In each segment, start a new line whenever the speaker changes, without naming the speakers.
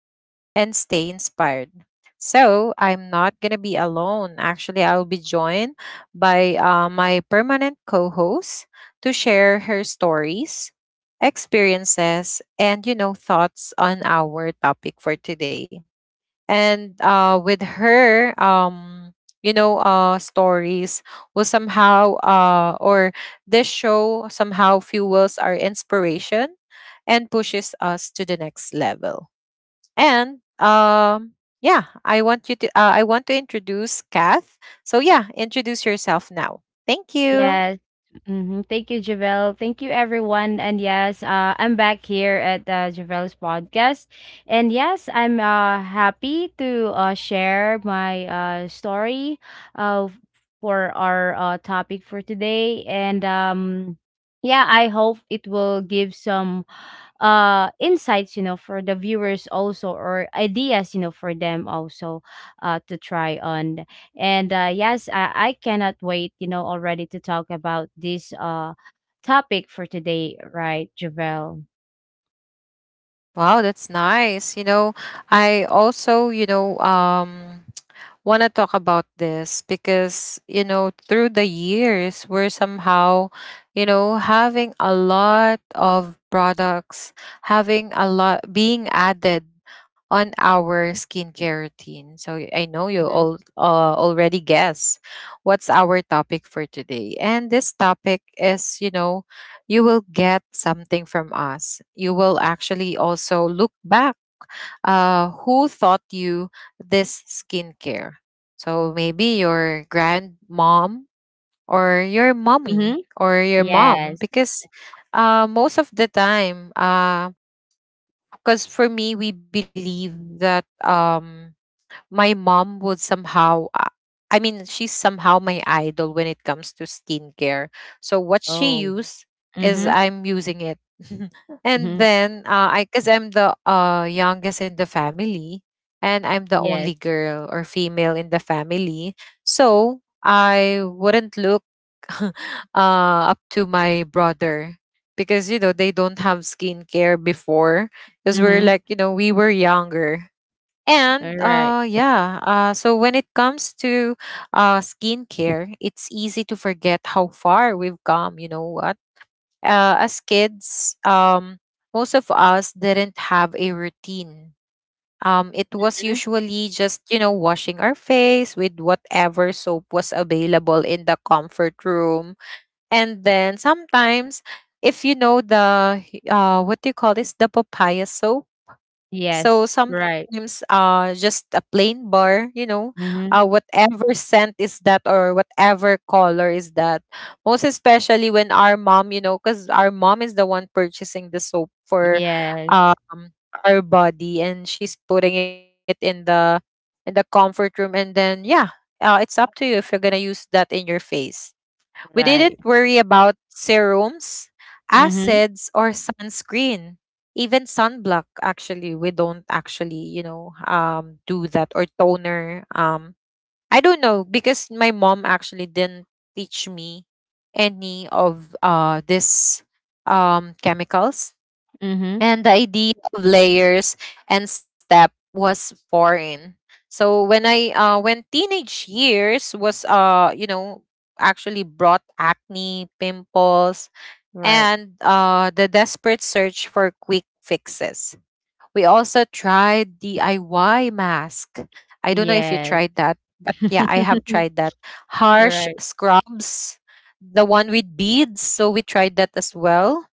learn, and stay inspired. So, I'm not going to be alone. Actually, I'll be joined by my permanent co host to share her stories, experiences, and thoughts on our topic for today. And with her, you know, stories will somehow, or this show somehow fuels our inspiration and pushes us to the next level. And um, yeah, I I want to introduce Kath. So yeah, introduce yourself now. Thank you.
Yes. Thank you, Javel. Thank you, everyone. And yes, I'm back here at Javel's podcast. And yes, I'm happy to share my story uh, for our topic for today. And yeah, I hope it will give some insights, you know, for the viewers also, or ideas, you know, for them also to try on. And yes, I cannot wait, you know, already to talk about this topic for today, right, Javel?
Wow, that's nice. I also, want to talk about this because, you know, through the years, we're somehow, you know, having a lot of products, having a lot being added on our skincare routine. So y- I know you
Mm-hmm.
all already guess what's our topic for today. And this topic is, you know, you will get something from us. You will actually also look back who taught you this skincare? So maybe your grandmom or your
Mm-hmm.
mommy or your mom,
Yes.
because most of the time, because for me, we believe that. My mom would somehow I mean she's somehow my idol when it comes to skincare. So what she
Oh.
used is
Mm-hmm.
I'm using it. And
Mm-hmm.
then I cuz I'm the youngest in the family and I'm the
Yes.
only girl or female in the family. So I wouldn't look uh, up to my brother because you know they don't have skincare before because we're
Mm-hmm.
like you know we were younger
All
and
right.
uh, yeah, uh, so when it comes to skincare, it's easy to forget how far we've come. You know what? As kids, most of us didn't have a routine. It was
Mhm.
usually just, you know, washing our face with whatever soap was available in the comfort room. And then sometimes, if you know the, what do you call this? The papaya soap. So
Yes. Right.
sometimes just a plain bar, you know,
Mm-hmm.
whatever scent is that or whatever color is that. Most especially when our mom, you know, cuz our mom is the one purchasing the soap for
Yes.
um our body, and she's putting it in the comfort room, and then yeah, it's up to you if you're going to use that in your face. We didn't
Right.
worry about serums,
Mm-hmm.
acids, or sunscreen. Even sunblock, actually, we don't actually, you know, do that or toner. I don't know because my mom actually didn't teach me any of this chemicals,
Mm-hmm.
and the idea of layers and step was foreign. So when I when teenage years was you know actually brought acne pimples,
Right.
and the desperate search for quick fixes, we also tried DIY mask. I don't know if you
Yes.
tried that, but yeah, I have tried that. Harsh
Right.
scrubs, the one with beads, so we tried that as well.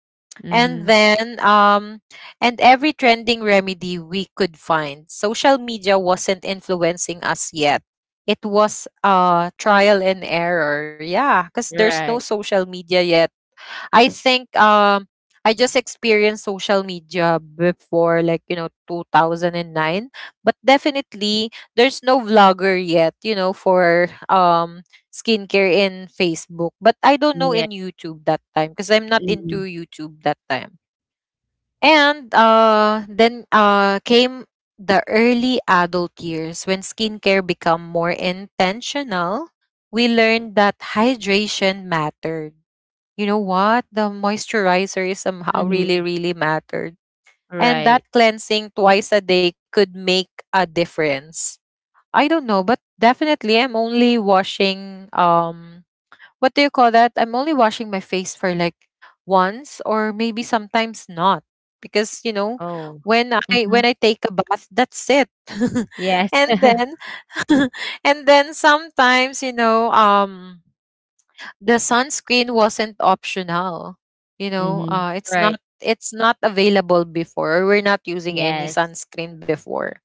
and
Mm-hmm.
then um and every trending remedy we could find. Social media wasn't influencing us yet. It was trial and error, yeah, because there's no
Right.
social media yet. I think um I just experienced social media before like you know 2009. But definitely, there's no vlogger yet you know for skincare in Facebook, but I don't know
Yeah.
in YouTube that time because I'm not into
Mhm.
YouTube that time. And uh, then uh, came the early adult years when skincare became more intentional. We learned that hydration mattered. You know what? The moisturizer is somehow really,
Mhm.
really mattered. And that
Right.
cleansing twice a day could make a difference. I don't know, but definitely I'm only washing what do you call that? I'm only washing my face for like once or maybe sometimes not, because you know
Oh.
when I when
Mhm.
I take a bath that's it.
Yes.
And then and then sometimes you know the sunscreen wasn't optional. You know,
Mhm.
it's
Right.
not available before. We're not using any
Yes.
sunscreen before.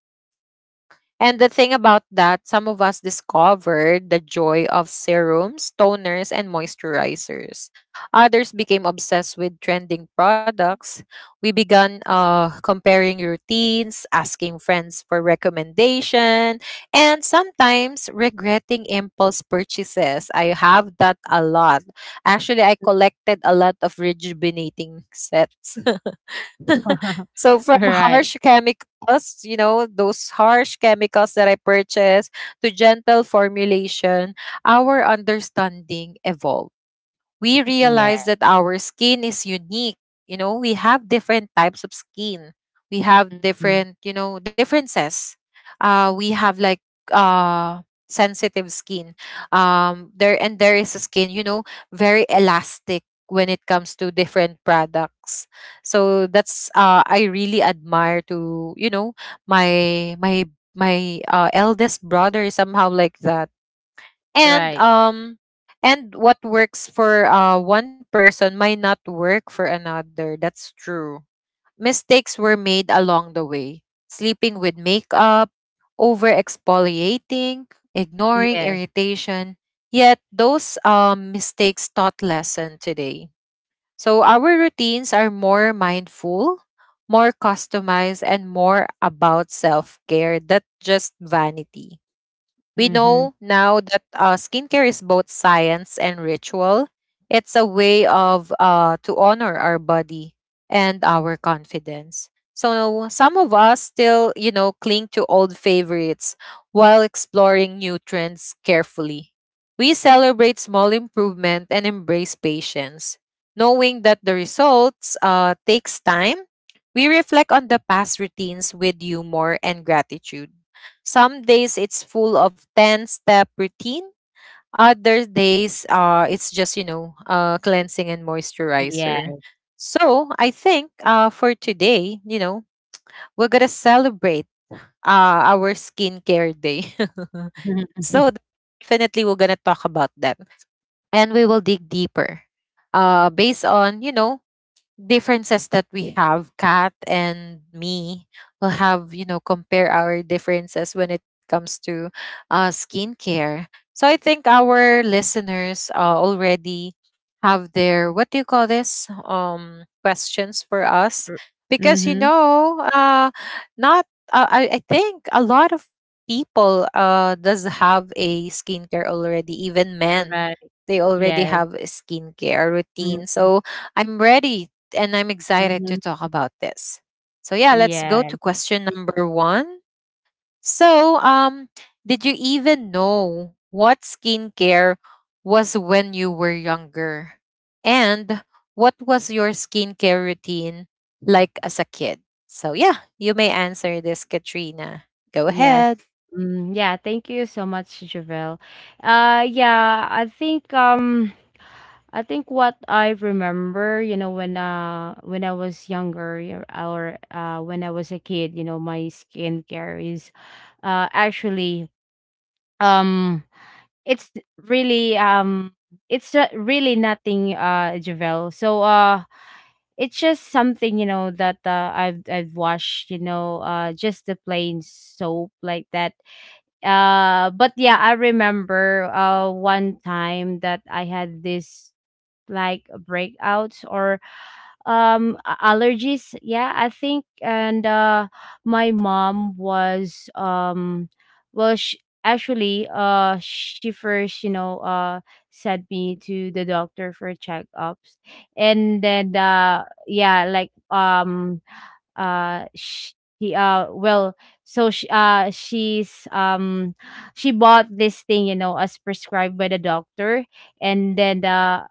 And the thing about that, some of us discovered the joy of serums, toners, and moisturizers. Others became obsessed with trending products. We began comparing routines, asking friends for recommendation, and sometimes regretting impulse purchases. I have that a lot. Actually, I collected a lot of rejuvenating sets. So from
Right.
harsh chemicals, you know, those harsh chemicals that I purchased, to gentle formulation, our understanding evolved. We
Yeah.
realize that our skin is unique. You know, we have different types of skin. We have
Mhm.
different, you know, differences. We have like uh, sensitive skin. There and there is a skin, you know, very elastic when it comes to different products. So that's I really admire to you know my my my eldest brother is somehow like that. and
Right.
um and what works for one person might not work for another, that's true. Mistakes were made along the way: sleeping with makeup, over exfoliating, ignoring
Yeah.
irritation. Yet those mistakes taught lesson today. So our routines are more mindful, more customized, and more about self-care than just vanity. We
Mhm.
know now that skincare is both science and ritual. It's a way of to honor our body and our confidence. So some of us still, you know, cling to old favorites while exploring new trends carefully. We celebrate small improvement and embrace patience, knowing that the results takes time. We reflect on the past routines with humor and gratitude. Some days it's full of 10 step routine. Other days it's just, you know, cleansing and
Yeah.
moisturizer. So I think for today, you know, we're going to celebrate our skincare day. So definitely we're going to talk about that, and we will dig deeper based on, you know, differences that we have. Kat and me will have, you know, compare our differences when it comes to skincare. So I think our listeners already have their, what do you call this, questions for us.
R
Because, you
mhm.
know, not, I think a lot of people does have a skincare already, even men.
Right.
They already
Yes.
have a skincare routine.
Mhm.
So I'm ready and I'm excited to
Mhm.
talk about this. So, yeah, let's go
Yeah.
to question number one. So, did you even know what skincare was when you were younger? And what was your skincare routine like as a kid? So, yeah, you may answer this, Katrina. Go
Yes.
ahead.
Mm, yeah, thank you so much, Javel. Yeah, I think what I remember, you know, when I was younger, you know, or when I was a kid, you know, my skincare is actually um it's really it's not really nothing, Javel. So it's just something, you know, that I've washed, you know, just the plain soap like that. But yeah, I remember one time that I had this like breakouts or allergies, yeah, I think. And my mom was well, actually she first, you know, sent me to the doctor for checkups, and then yeah, like she well, so she's she bought this thing, you know, as prescribed by the doctor. And then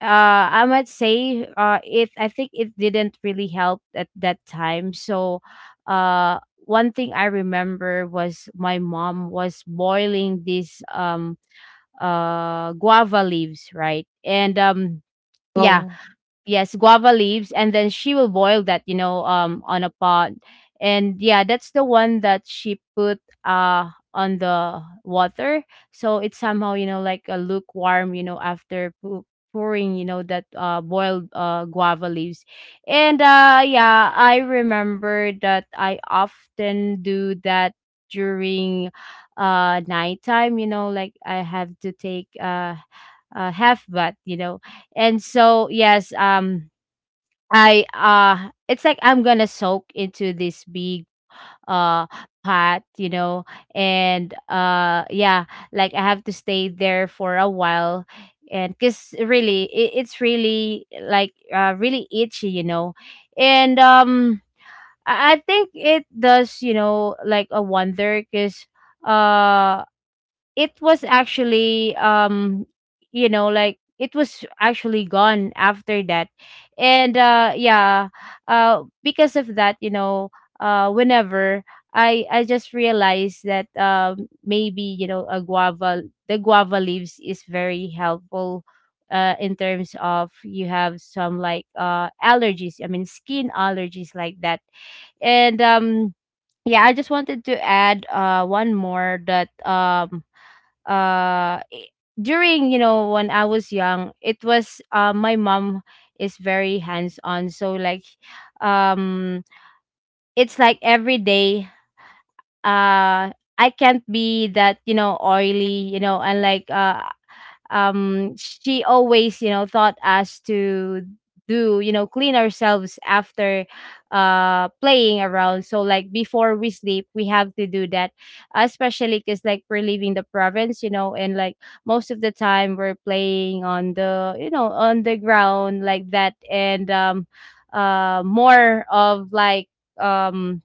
I might say it I think it didn't really help at that time. So uh one thing I remember was my mom was boiling these guava leaves, right? And yeah,
Oh,
yes, guava leaves, and then she will boil that, you know, on a pot. And yeah, that's the one that she put on the water, so it's somehow, you know, like a lukewarm, you know, after pouring, you know, that boiled guava leaves. And yeah, I remember that I often do that during nighttime, you know, like I have to take a half bath, you know. And so yes, I it's like I'm gonna soak into this big uh pot, you know. And yeah, like I have to stay there for a while, and because really it's really like really itchy, you know. And I think it does, you know, like a wonder, because uh it was actually you know, like it was actually gone after that. And yeah, because of that, you know, whenever I just realized that maybe, you know, a guava the guava leaves is very helpful in terms of you have some like allergies, I mean skin allergies like that. And yeah, I just wanted to add one more that uh i- during, you know, when I was young, it was my mom is very hands on. So like um it's like every day uh I can't be that, you know, oily, you know, and like she always, you know, taught us to do, you know, clean ourselves after playing around. So like before we sleep, we have to do that, especially because like we're leaving the province, you know, and like most of the time we're playing on the, you know, on the ground like that. And more of like um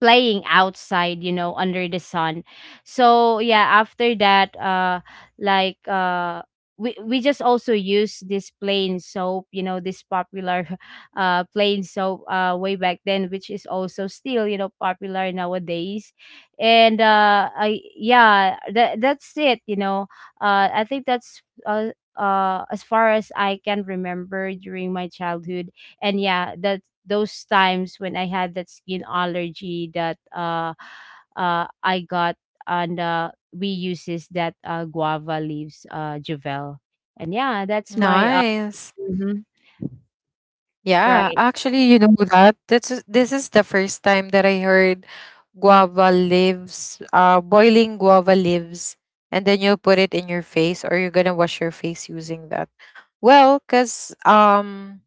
playing outside, you know, under the sun. So yeah, after that like we just also use this plain soap, you know, this popular plain soap way back then, which is also still, you know, popular nowadays. And yeah, that's it, you know. I think that's as far as I can remember during my childhood. And yeah, that those times when I had that skin allergy, that I got, and we uses that guava leaves, Javel. And yeah, that's my
nice.
mhm,
Yeah,
right.
actually, you know that this is the first time that I heard guava leaves, boiling guava leaves, and then you put it in your face, or you're gonna wash your face using that. Well, cause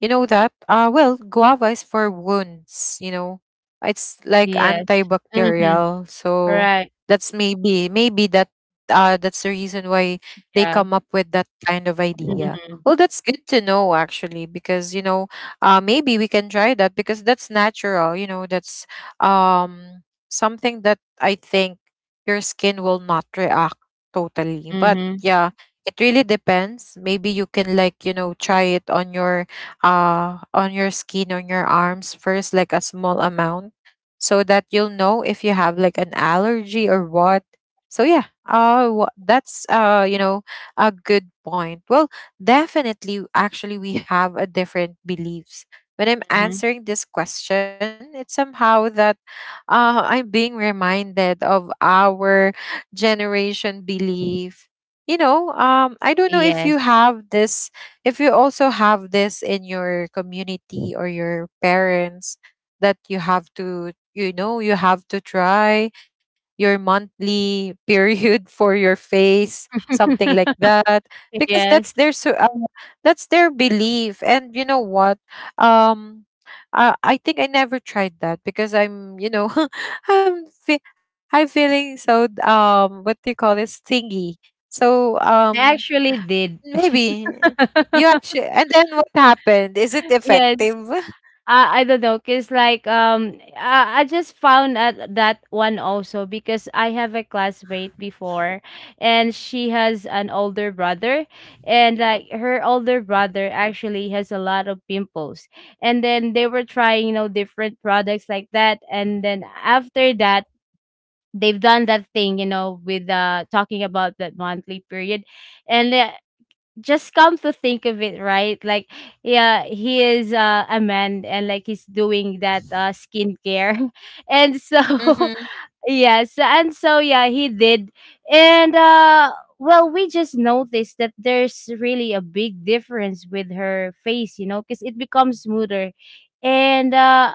you know that? Well, guava is for wounds, you know. It's like
Yes. Mm-hmm.
antibacterial. So
Right.
that's maybe that that's the reason why they
Yeah.
come up with that kind of idea.
Mm-hmm.
Well, that's good to know actually because you know, maybe we can try that because that's natural, you know, that's um something that I think your skin will not react totally. But
Mm-hmm.
yeah, it really depends. Maybe you can like, you know, try it on your skin, on your arms first, like a small amount, so that you'll know if you have like an allergy or what. So yeah, that's you know, a good point. Well, definitely, actually, we have a different beliefs. When I'm
Mm-hmm.
answering this question, it's somehow that I'm being reminded of our generation belief. You know, I don't know if
Yes.
you have this if you also have this in your community or your parents that you have to you know you have to try your monthly period for your face, something like that, because that's
Yes.
their so that's their belief. And you know what, um I think I never tried that because I'm, you know, I'm feeling so what do you call this thingy. So
They
um
actually did.
Maybe. You actually and then what happened? Is it
Yes.
effective?
I don't know, because like I just found out that one also because I have a classmate before, and she has an older brother, and like her older brother actually has a lot of pimples. And then they were trying, you know, different products like that. And then after that, they've done that thing, you know, with talking about that monthly period. And just come to think of it, right? Like yeah, he is a man, and like he's doing that skincare. And so
Mm-hmm.
yes, and so yeah, he did. And well, we just noticed that there's really a big difference with her face, you know, because it becomes smoother. And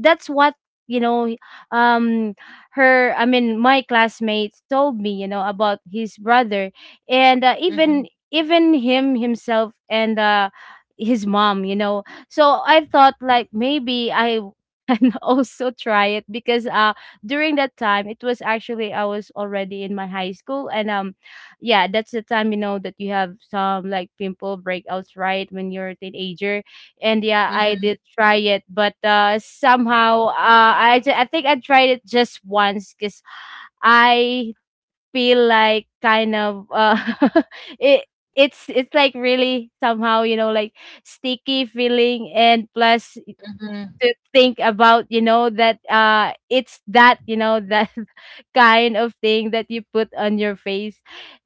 that's what, you know, um her I mean my classmates told me, you know, about his brother, and
Mm-hmm.
even even him himself, and his mom, you know. So I thought like maybe I can also try it, because during that time, it was actually I was already in my high school. And yeah, that's the time, you know, that you have some like pimple breakouts, right, when you're a teenager. And yeah, I did try it, but somehow I think I tried it just once, because I feel like kind of it it's like really somehow, you know, like sticky feeling. And plus,
Mm-hmm.
to think about, you know, that it's that, you know, that kind of thing that you put on your face,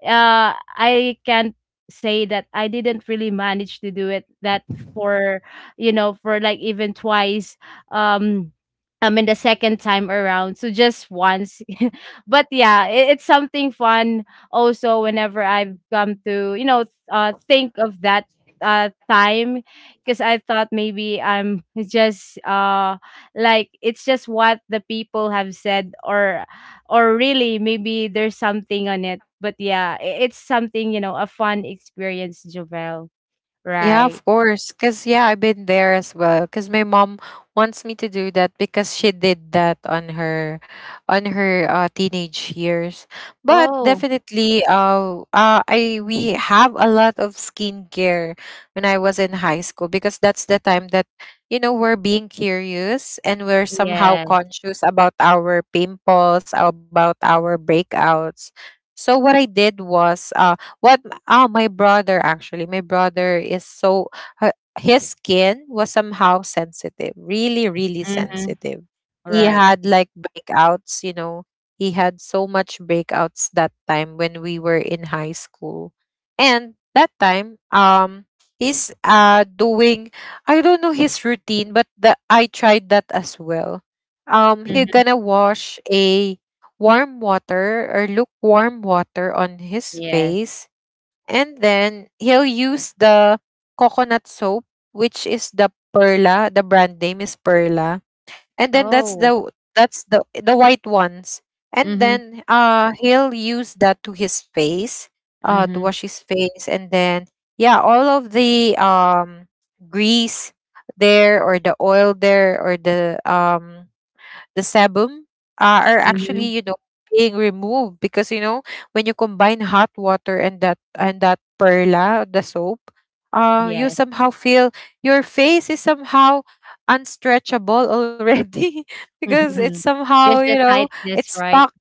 I can't say that I didn't really manage to do it, that for, you know, for like even twice. um I mean the second time around, so just once. But yeah, it's something fun also whenever I've come to, you know, think of that time, because I thought maybe I'm just like it's just what the people have said, or really maybe there's something on it. But yeah, it's something, you know, a fun experience, Jovel.
Yeah, of
Right.
course. Cause yeah, I've been there as well. Cause my mom wants me to do that because she did that on her teenage years. But
Oh,
definitely, I we have a lot of skincare when I was in high school because that's the time that you know we're being curious and we're somehow
yeah.
conscious about our pimples, about our breakouts. So what I did was, Oh, my brother actually. My brother is so his skin was somehow sensitive, really, really
Mm-hmm.
sensitive. He
Right.
had like breakouts, you know. He had so much breakouts that time when we were in high school, and that time, he's doing I don't know his routine, but the I tried that as well. He
hmm
gonna wash a warm water or lukewarm water on his
Yes.
face, and then he'll use the coconut soap, which is the Perla. The brand name is Perla. And then
Oh.
that's the white ones. And
Mhm.
then he'll use that to his face, to
Mhm.
wash his face. And then yeah, all of the grease there, or the oil there, or the sebum, are actually,
Mhm.
you know, being removed. Because you know, when you combine hot water and that Perla, the soap, you
Yes.
somehow feel your face is somehow unstretchable already because it's
Mm-hmm.
somehow,
There's
you
the
know,
tightness,
it's
right?
stuck,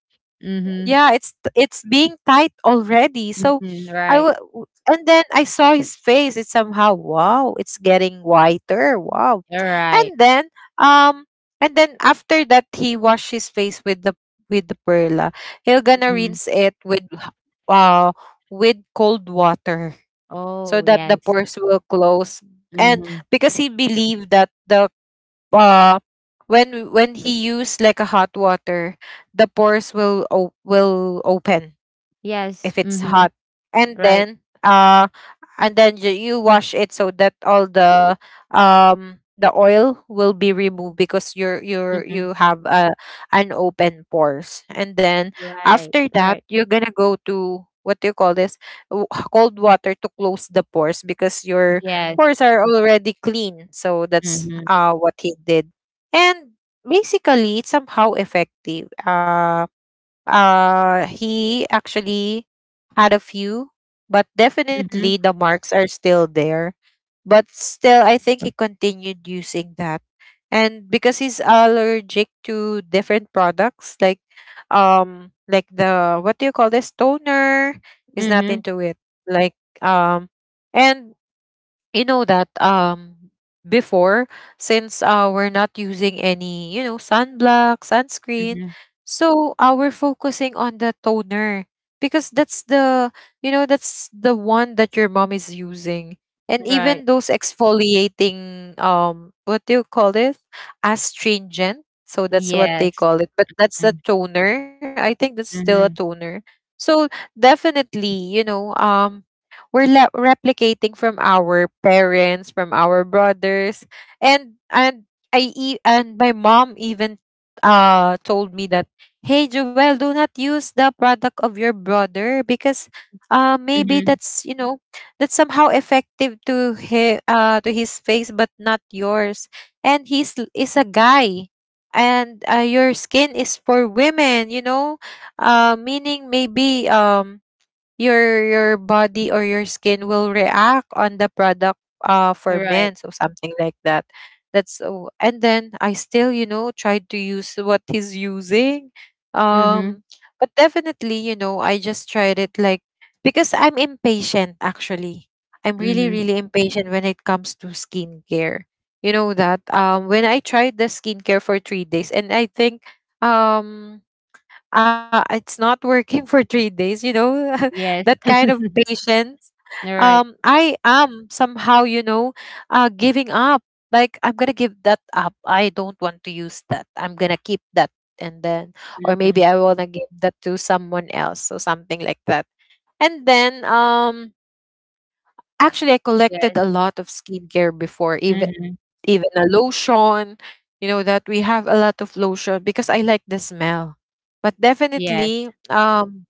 Mhm.
yeah, it's being tight already. So
Mhm.
i
Right.
w- w- and then I saw his face, it's somehow wow, it's getting whiter, wow.
All
And
right.
then um and then after that, he washed his face with the Perla. He'll gonna
Mhm.
rinse it with uh with cold water so
Oh,
that the
yes.
pores will close. And
Mhm.
because he believed that the uh when he use like a hot water, the pores will will open
Yes.
if it's
Mhm.
hot. And
Right.
then uh and then you wash it so that all the oil will be removed, because you're
Mhm.
you have a an open pores. And then
Right.
after that,
Right.
you're gonna go to, what do you call this, W- cold water to close the pores, because your
Yes.
pores are already clean. So that's
Mhm.
what he did. And basically, it's somehow effective. He actually had a few, but
Mhm.
definitely the marks are still there. But still, I think he continued using that. And because he's allergic to different products, like the, what do you call this, toner, he's not
Mhm.
into it. Like um and you know that before, since we're not using any, you know, sunblock, sunscreen,
Mhm.
so we're focusing on the toner, because that's the, you know, that's the one that your mom is using. And
Right.
even those exfoliating, what do you call it, astringent. So that's what they
Yes.
call it, but that's a
Mm.
toner, I think that's still a
Mhm.
toner. So definitely, you know, we're replicating from our parents, from our brothers, and and my mom even told me that, hey Joel, do not use the product of your brother, because maybe
Mhm.
that's, you know, that's somehow effective to his, to his face, but not yours, and he's is a guy. And your skin is for women, you know, meaning maybe your body or your skin will react on the product for
Right.
men, so something like that. And then I still, you know, tried to use what he's using.
Mhm.
um but definitely, you know, I just tried it like, because I'm impatient, actually. I'm really,
Mhm.
really impatient when it comes to skincare. You know that when I tried the skincare for 3 days, and I think um it's not working for 3 days, you know,
Yes.
that kind of patience.
Right.
I am somehow, you know, giving up. Like, I'm going to give that up. I don't want to use that. I'm going to keep that. And then, or
Mhm.
maybe I want to give that to someone else or something like that. And then, actually, I
Yes.
collected a lot of skincare before, even,
Mhm.
even a lotion, you know, that we have a lot of lotion because I like the smell. But
Yes.
definitely,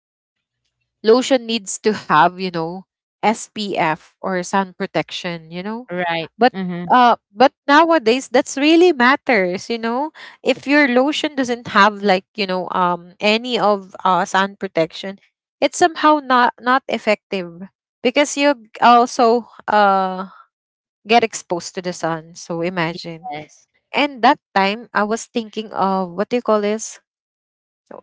lotion needs to have, you know, SPF or sun protection, you know.
Right.
But
Mhm.
but nowadays, that's really matters, you know. If your lotion doesn't have like, you know, any of sun protection, it's somehow not effective, because you also get exposed to the sun. So imagine.
Yes.
And that time, I was thinking of, what do you call this,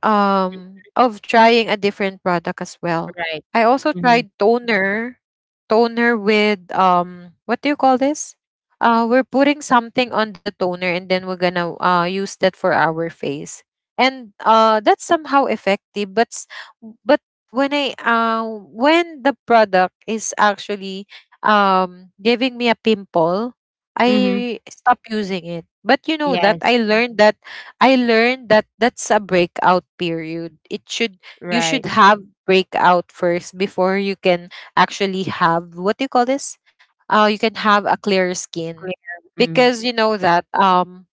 of trying a different product as well.
Right.
I also
Mhm.
tried toner, toner with, what do you call this, we're putting something on the toner, and then we're gonna use that for our face, and that's somehow effective. But when I when the product is actually giving me a pimple,
Mhm.
I stop using it. But You know that
Yes.
I learned that that's a breakout period. It should, you should
Right.
have breakout first before you can actually have, what do you call this, you can have a clear skin.
Clear. Mhm.
Because you know that um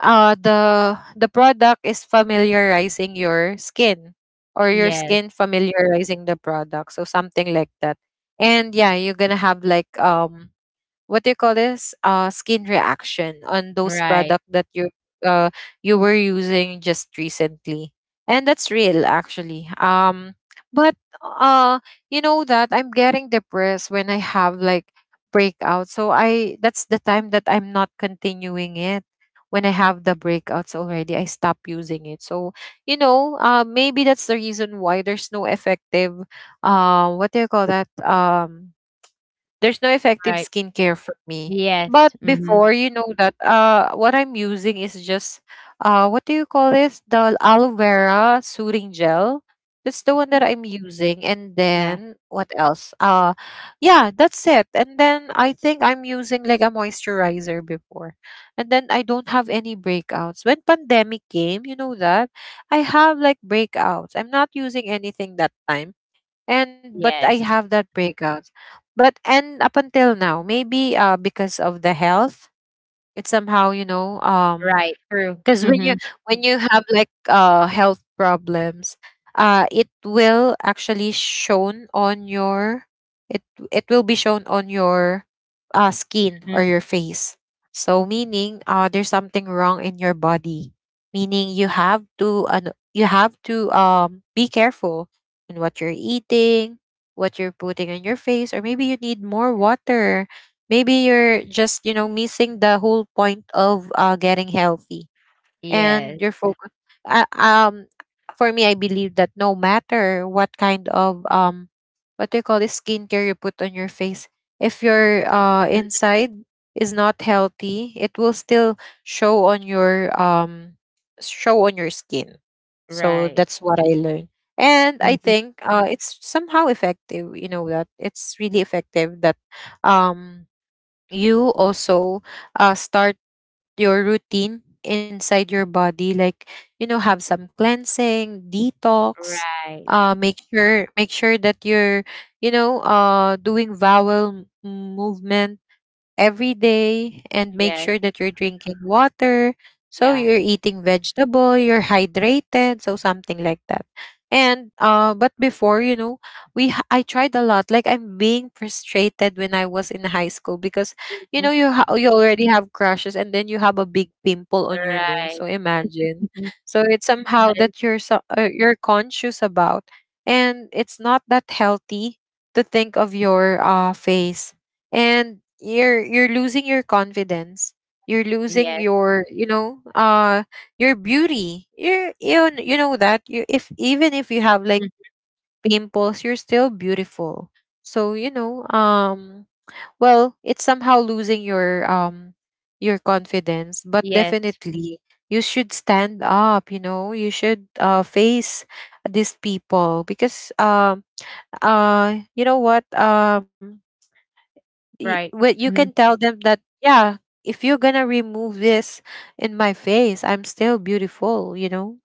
uh the product is familiarizing your skin, or your
Yes.
skin familiarizing the product, so something like that. And yeah, you're gonna have like, what do you call this, skin reaction on those
Right.
product that uh you were using just recently, and that's real, actually. But uh you know that I'm getting depressed when I have like breakout, so I that's the time that I'm not continuing it. When I have the breakouts already, I stop using it. So you know, maybe that's the reason why there's no effective what do you call that, there's no effective
Right.
skincare for me.
Yes.
But
Mhm.
before, you know that what I'm using is just, what do you call this, the aloe vera soothing gel. That's the one that I'm using. And
Yeah.
then what else? Yeah, that's it. And then I think I'm using like a moisturizer before. And then I don't have any breakouts. When pandemic came, you know that I have like breakouts. I'm not using anything that time, and but I
Yes.
have that breakout. But and up until now, maybe because of the health, it's somehow, you know.
Right. True.
Because when you,
Mhm.
when you have like health problems, it will actually shown on your, it it will be shown on your skin or
Mhm.
your face. So meaning, there's something wrong in your body, meaning you have to, you have to be careful on what you're eating, what you're putting in your face, or maybe you need more water, maybe you're just, you know, missing the whole point of getting healthy
Yes,
and your focus. Uh, um, for me, I believe that no matter what kind of, what do you call this, skincare you put on your face, if your inside is not healthy, it will still show on your skin. So
right.
that's what I learned. And I
Mhm.
think it's somehow effective, you know, that it's really effective that, um, you also start your routine inside your body, like you know, have some cleansing detox.
Right.
Make sure, make sure that you're, you know, doing vowel movement every day, and make
Yes,
sure that you're drinking water. So
yeah.
you're eating vegetable, you're hydrated, so something like that. And but before, you know, I tried a lot. Like I'm being frustrated when I was in high school, because you
Mhm.
know, you already have crushes and then you have a big pimple on your nose.
Right.
So imagine.
Mhm.
So it's somehow
Yes,
that you're so, you're conscious about, and it's not that healthy to think of your face, and you're losing your confidence, you're losing
yes.
your, you know, your beauty. You know that you, if even if you have like
Mm,
pimples, you're still beautiful. So you know, well, it's somehow losing your confidence, but
yes,
definitely you should stand up, you know, you should face these people, because you know what,
right.
what you
Mhm,
can tell them that, yeah, if you're gonna remove this in my face, I'm still beautiful, you know.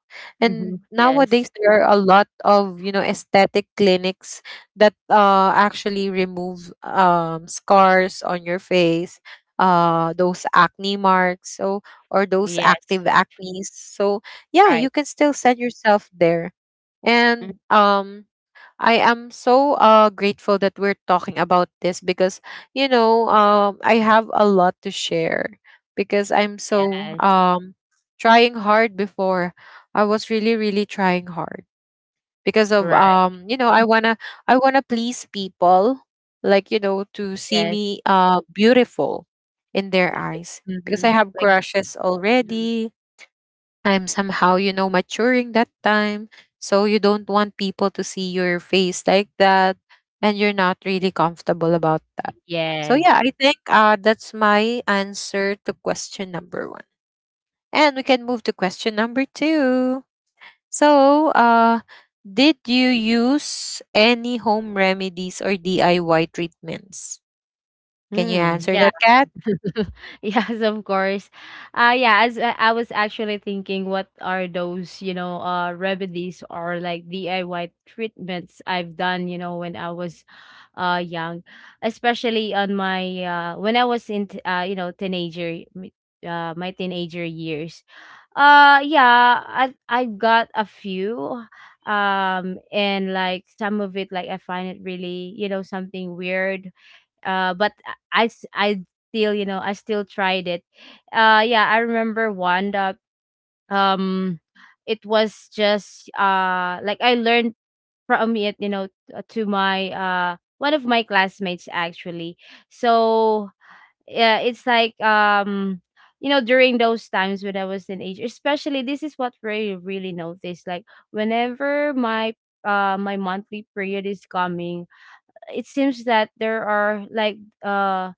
mhm.
And
Yes.
nowadays there are a lot of, you know, aesthetic clinics that actually remove scars on your face, those acne marks, so, or those
Yes,
active acnes. So yeah, you
right.
can still send yourself there.
Mm,
And I am so, grateful that we're talking about this, because, you know, I have a lot to share, because I'm so,
yes,
trying hard before. I was really, really trying hard because of,
right.
you know, I wanna please people, like you know, to see
Yes.
me, beautiful in their eyes, because I
Mhm.
have
Like
crushes
mhm.
already. I'm somehow, you know, maturing that time. So you don't want people to see your face like that, and you're not really comfortable about that. So
Yeah.
yeah, I think that's my answer to question number 1. And we can move to question number 2. So, did you use any home remedies or DIY treatments? Can you
Mm,
answer
yeah.
that, Kat?
Yes, of course. Yeah, as I was actually thinking what are those, you know, remedies or like DIY treatments I've done, you know, when I was young, especially on my when I was in you know, teenager my teenager years. Yeah, I got a few and like some of it, like I find it really, you know, something weird. But I still, you know, I still tried it. Yeah, I remember one that um it was just like I learned from it, you know, to my one of my classmates actually. So yeah, it's like you know, during those times when I was in age, especially this is what we really noticed, like whenever my my monthly period is coming, it seems that there are like uh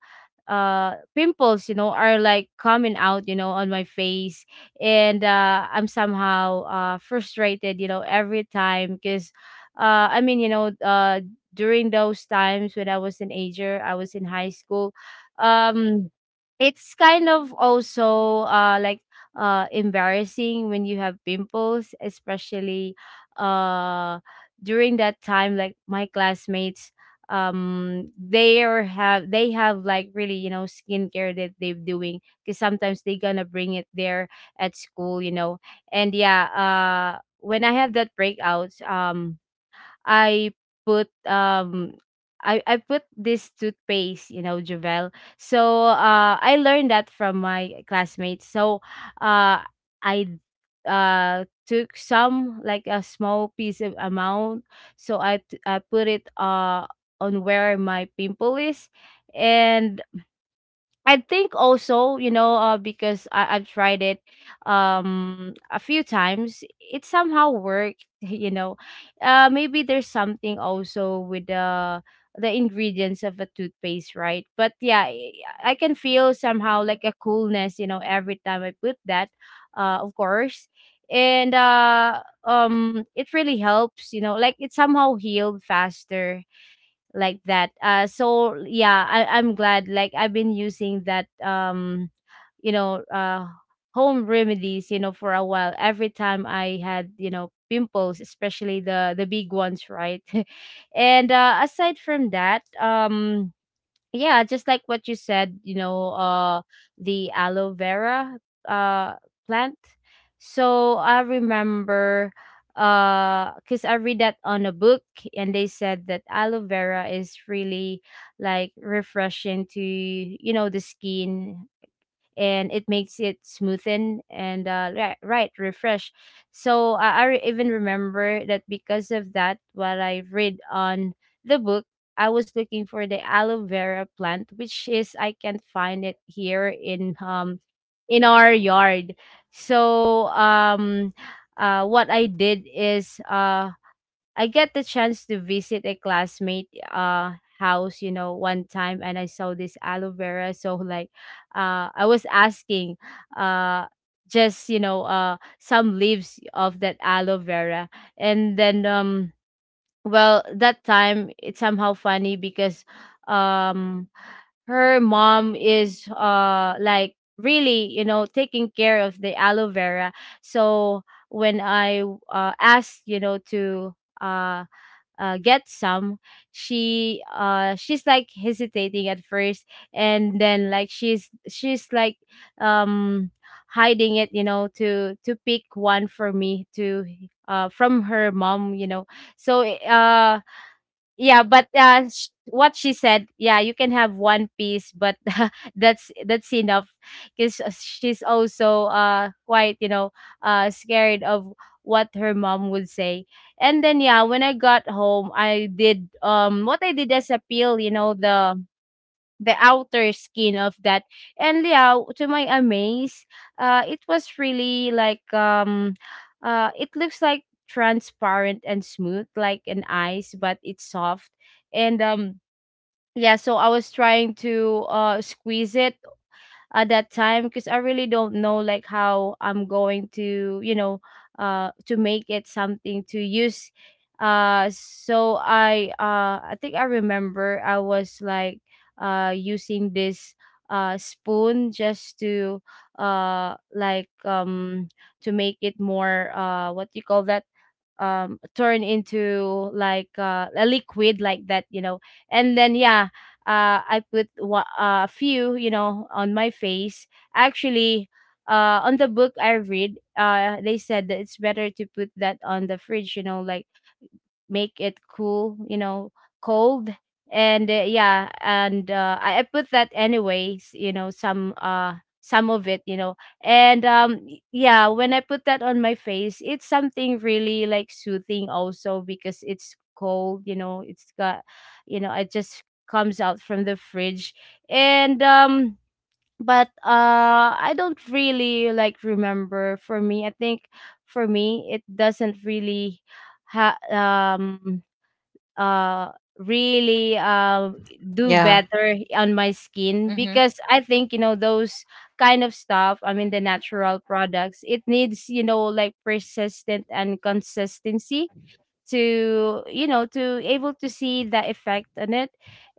pimples, you know, are like coming out, you know, on my face. And I'm somehow frustrated, you know, every time, because I mean, you know, during those times when I was teenager, I was in high school. um it's kind of also like embarrassing when you have pimples, especially uh during that time, like my classmates, they are have they have like really, you know, skincare that they're doing, because sometimes they gonna bring it there at school, you know. And yeah, when I have that breakouts, I put I put this toothpaste, you know, Javel. So I learned that from my classmates. So uh, I took some like a small piece of amount. So I put it on where my pimple is, and I think also, you know, because I've tried it a few times, it somehow worked, you know. Maybe there's something also with the ingredients of a toothpaste, right? But yeah, I can feel somehow like a coolness, you know, every time I put that, of course. And it really helps, you know, like it somehow healed faster like that, so yeah, I'm glad, like I've been using that. you know uh Home remedies, you know, for a while, every time I had, you know, pimples, especially the big ones, right? And aside from that, yeah, just like what you said, you know, the aloe vera uh plant. So I remember, because I read that on a book, and they said that aloe vera is really like refreshing to, you know, the skin, and it makes it smoothen and, right, refresh. So I even remember that because of that, what I read on the book. I was looking for the aloe vera plant, which is I can't find it here in our yard. So, what I did is, I get the chance to visit a classmate house, you know, one time, and I saw this aloe vera. So like, I was asking, uh just, you know, some leaves of that aloe vera. And then, well, that time it's somehow funny because, um her mom is like really, you know, taking care of the aloe vera. So when I asked, you know, to, uh get some, she's like hesitating at first, and then like she's like, um hiding it, you know, to pick one for me to, from her mom, you know. So yeah, but what she said, yeah, you can have one piece, but that's enough, because she's also, quite, you know, scared of what her mom would say. And then, yeah, when I got home, I did, what I did as a peel, you know, the outer skin of that. And yeah, to my amaze, it was really like, it looks like transparent and smooth like an ice, but it's soft. And, yeah, so I was trying to, squeeze it at that time because I really don't know like how I'm going to, you know, to make it something to use. So I, I think I remember I was like, using this, spoon, just to, like, to make it more, what do you call that, turn into like, a liquid like that, you know. And then, yeah, I put, a few, you know, on my face, actually. On the book I read, they said that it's better to put that on the fridge, you know, like, make it cool, you know, cold. And, yeah, and I put that anyways, you know, some of it, you know. And yeah, when I put that on my face, it's something really like soothing also because it's cold, you know, it's got, you know, it just comes out from the fridge. And but, I don't really, like, remember. For me, I think, for me it doesn't really ha- um uh really, do
Yeah.
better on my skin
Mhm.
because I think, you know, those kind of stuff, I mean the natural products, it needs, you know, like, persistent and consistency, to, you know, to able to see the effect on it.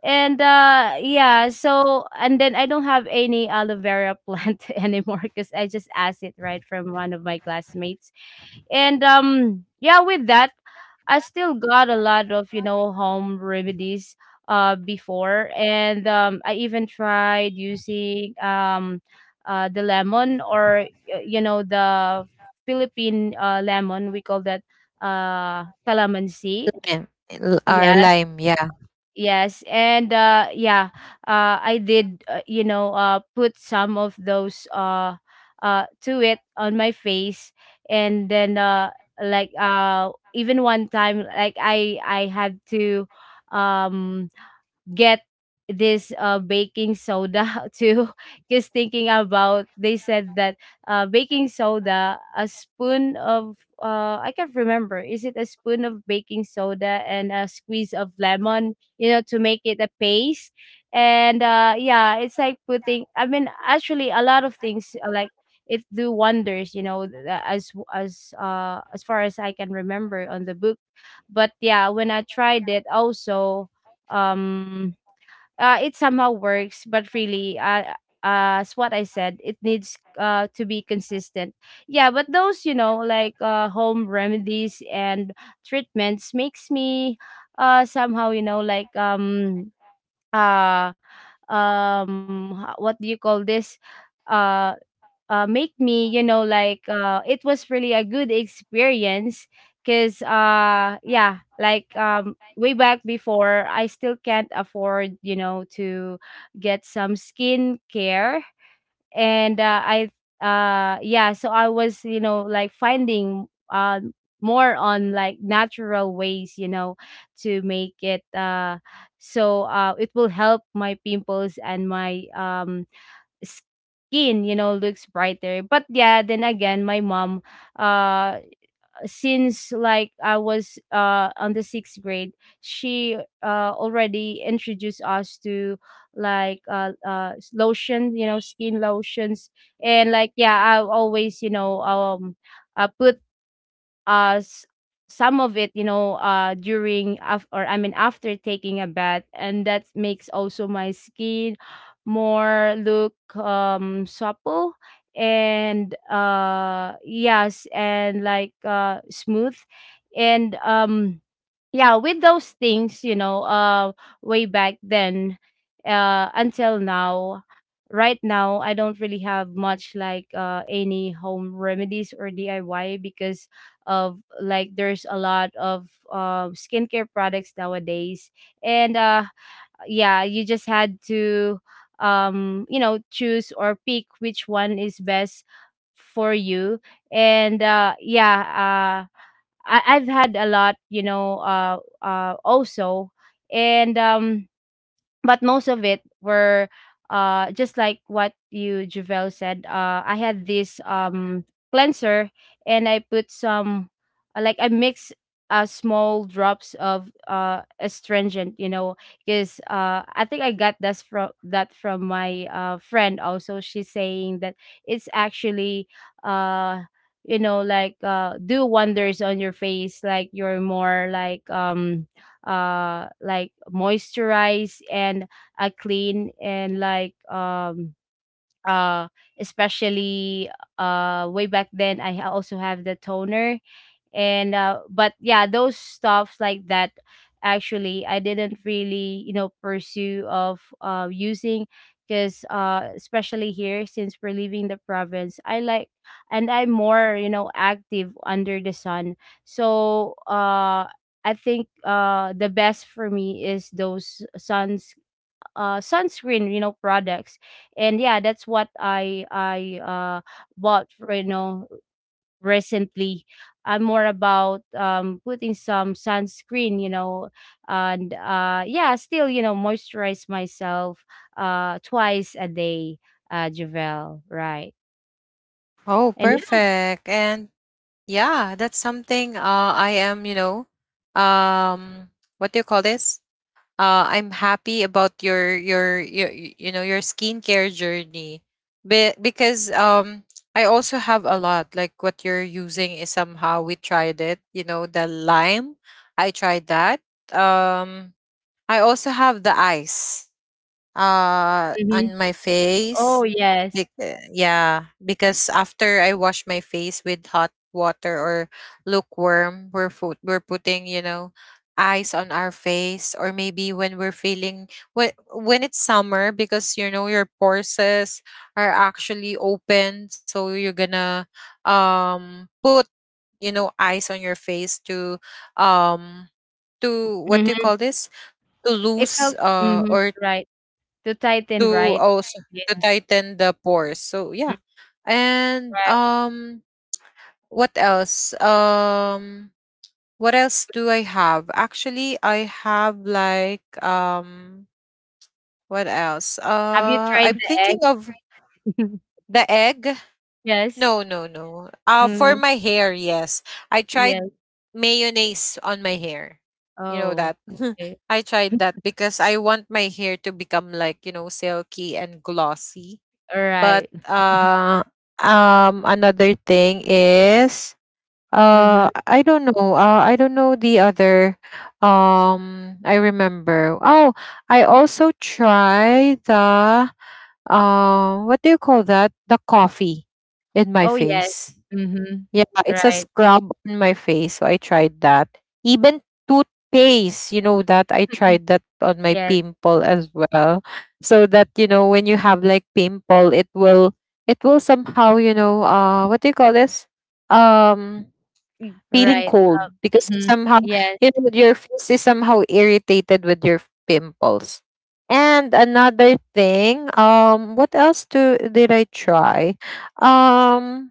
And yeah, so, and then I don't have any aloe vera plant anymore because I just asked it right from one of my classmates. And yeah, with that, I still got a lot of, you know, home remedies before. And, I even tried using, the lemon, or you know, the Philippine lemon, we call that, calamansi.
Lime. Or
Yes,
lime, yeah.
yes, and, yeah, I did. You know, put some of those, to it on my face, and then, like, even one time, like I had to, um get this, baking soda too, because, thinking about, they said that, baking soda, a spoon of, I can't remember, is it a spoon of baking soda and a squeeze of lemon, you know, to make it a paste. And, yeah, it's like putting, I mean actually a lot of things, like, it do wonders, you know, as far as I can remember on the book. But yeah, when I tried it also, um it somehow works, but really, as what I said, it needs, to be consistent. Yeah, but those, you know, like, home remedies and treatments makes me, somehow, you know, like, uh what do you call this? Uh Make me, you know, like, it was really a good experience, because, yeah, like, way back before, I still can't afford, you know, to get some skincare. And, I, yeah, so I was, you know, like, finding, more on like natural ways, you know, to make it, so, it will help my pimples and my, skin, you know, looks brighter. But yeah, then again, my mom, uh since like I was, on the sixth grade, she, already introduced us to like, lotion, you know, skin lotions. And like, yeah, I always, you know, put, uh s- some of it, you know, during or I mean after taking a bath, and that makes also my skin more look, supple, and yes, and like, smooth. And yeah, with those things, you know, way back then, until now, right now I don't really have much like, any home remedies or DIY, because, of like, there's a lot of, skincare products nowadays. And yeah, you just had to, you know, choose or pick which one is best for you. And yeah, I've had a lot, you know, also. And, but most of it were, just like what you, Javel, said. I had this, cleanser, and I put some, like I mix, small drops of, astringent, you know, because, I think I got this from that, from my, friend also. She's saying that it's actually, uh you know, like, do wonders on your face, like you're more, like, like, moisturize, and, clean, and like, uh especially, way back then, I also have the toner. And but yeah, those stuffs like that, actually I didn't really, you know, pursue of, using, because, especially here, since we're leaving the province, I like, and I'm more, you know, active under the sun. So, I think, the best for me is those, sunscreen, you know, products. And yeah, that's what I bought for, you know, recently. I'm more about, putting some sunscreen, you know, and yeah, still, you know, moisturize myself, twice a day, Javel, right?
Oh,
And, you know.
perfect. And yeah, that's something I am, um, what do you call this? I'm happy about your y- you know your skincare journey. Because I also have a lot. Like what you're using is somehow we tried it. You know the lime, I tried that. Um, I also have the ice
Mhm.
on my
Oh,
face.
yes.
Yeah, because after I wash my face with hot water or lukewarm, we're food we're putting ice on our face, or maybe when we're feeling, when it's summer, because you know your pores are actually open, so you're gonna put ice on your face um to what do you
Hmm.
call this? To
It
lose
helps. Hmm.
or
Right, to tighten.
to
Right.
also
Yeah.
to tighten the pores. So yeah.
Mm.
And
Right.
what else? What else do I have? Actually, I have like what else?
Have you tried
I'm
the
thinking of
egg?
the egg.
Yes.
No, no, no. For
Hmm.
my hair, yes. I
Yes.
tried mayonnaise on my hair. You know
Oh,
that.
okay.
I tried that because I want my hair to become, like, you know, silky and glossy.
All
But
right.
uh um another thing is
Mm-hmm.
I don't know. I don't know the other. I remember. Oh, I also try the what do you call that? The coffee in my
Oh, yes.
face.
Mm-hmm.
Yeah, it's a
Right.
scrub on my face, so I tried that. Even toothpaste, you know that, I tried that on my
Yes.
pimple as well. So that, you know, when you have like pimple, it will, it will somehow, you know, what do you call this? Um feeling
Right.
cold because it's
Mhm.
somehow,
Yes.
you know, your face is somehow irritated with your pimples. And another thing, what else do did I try? Um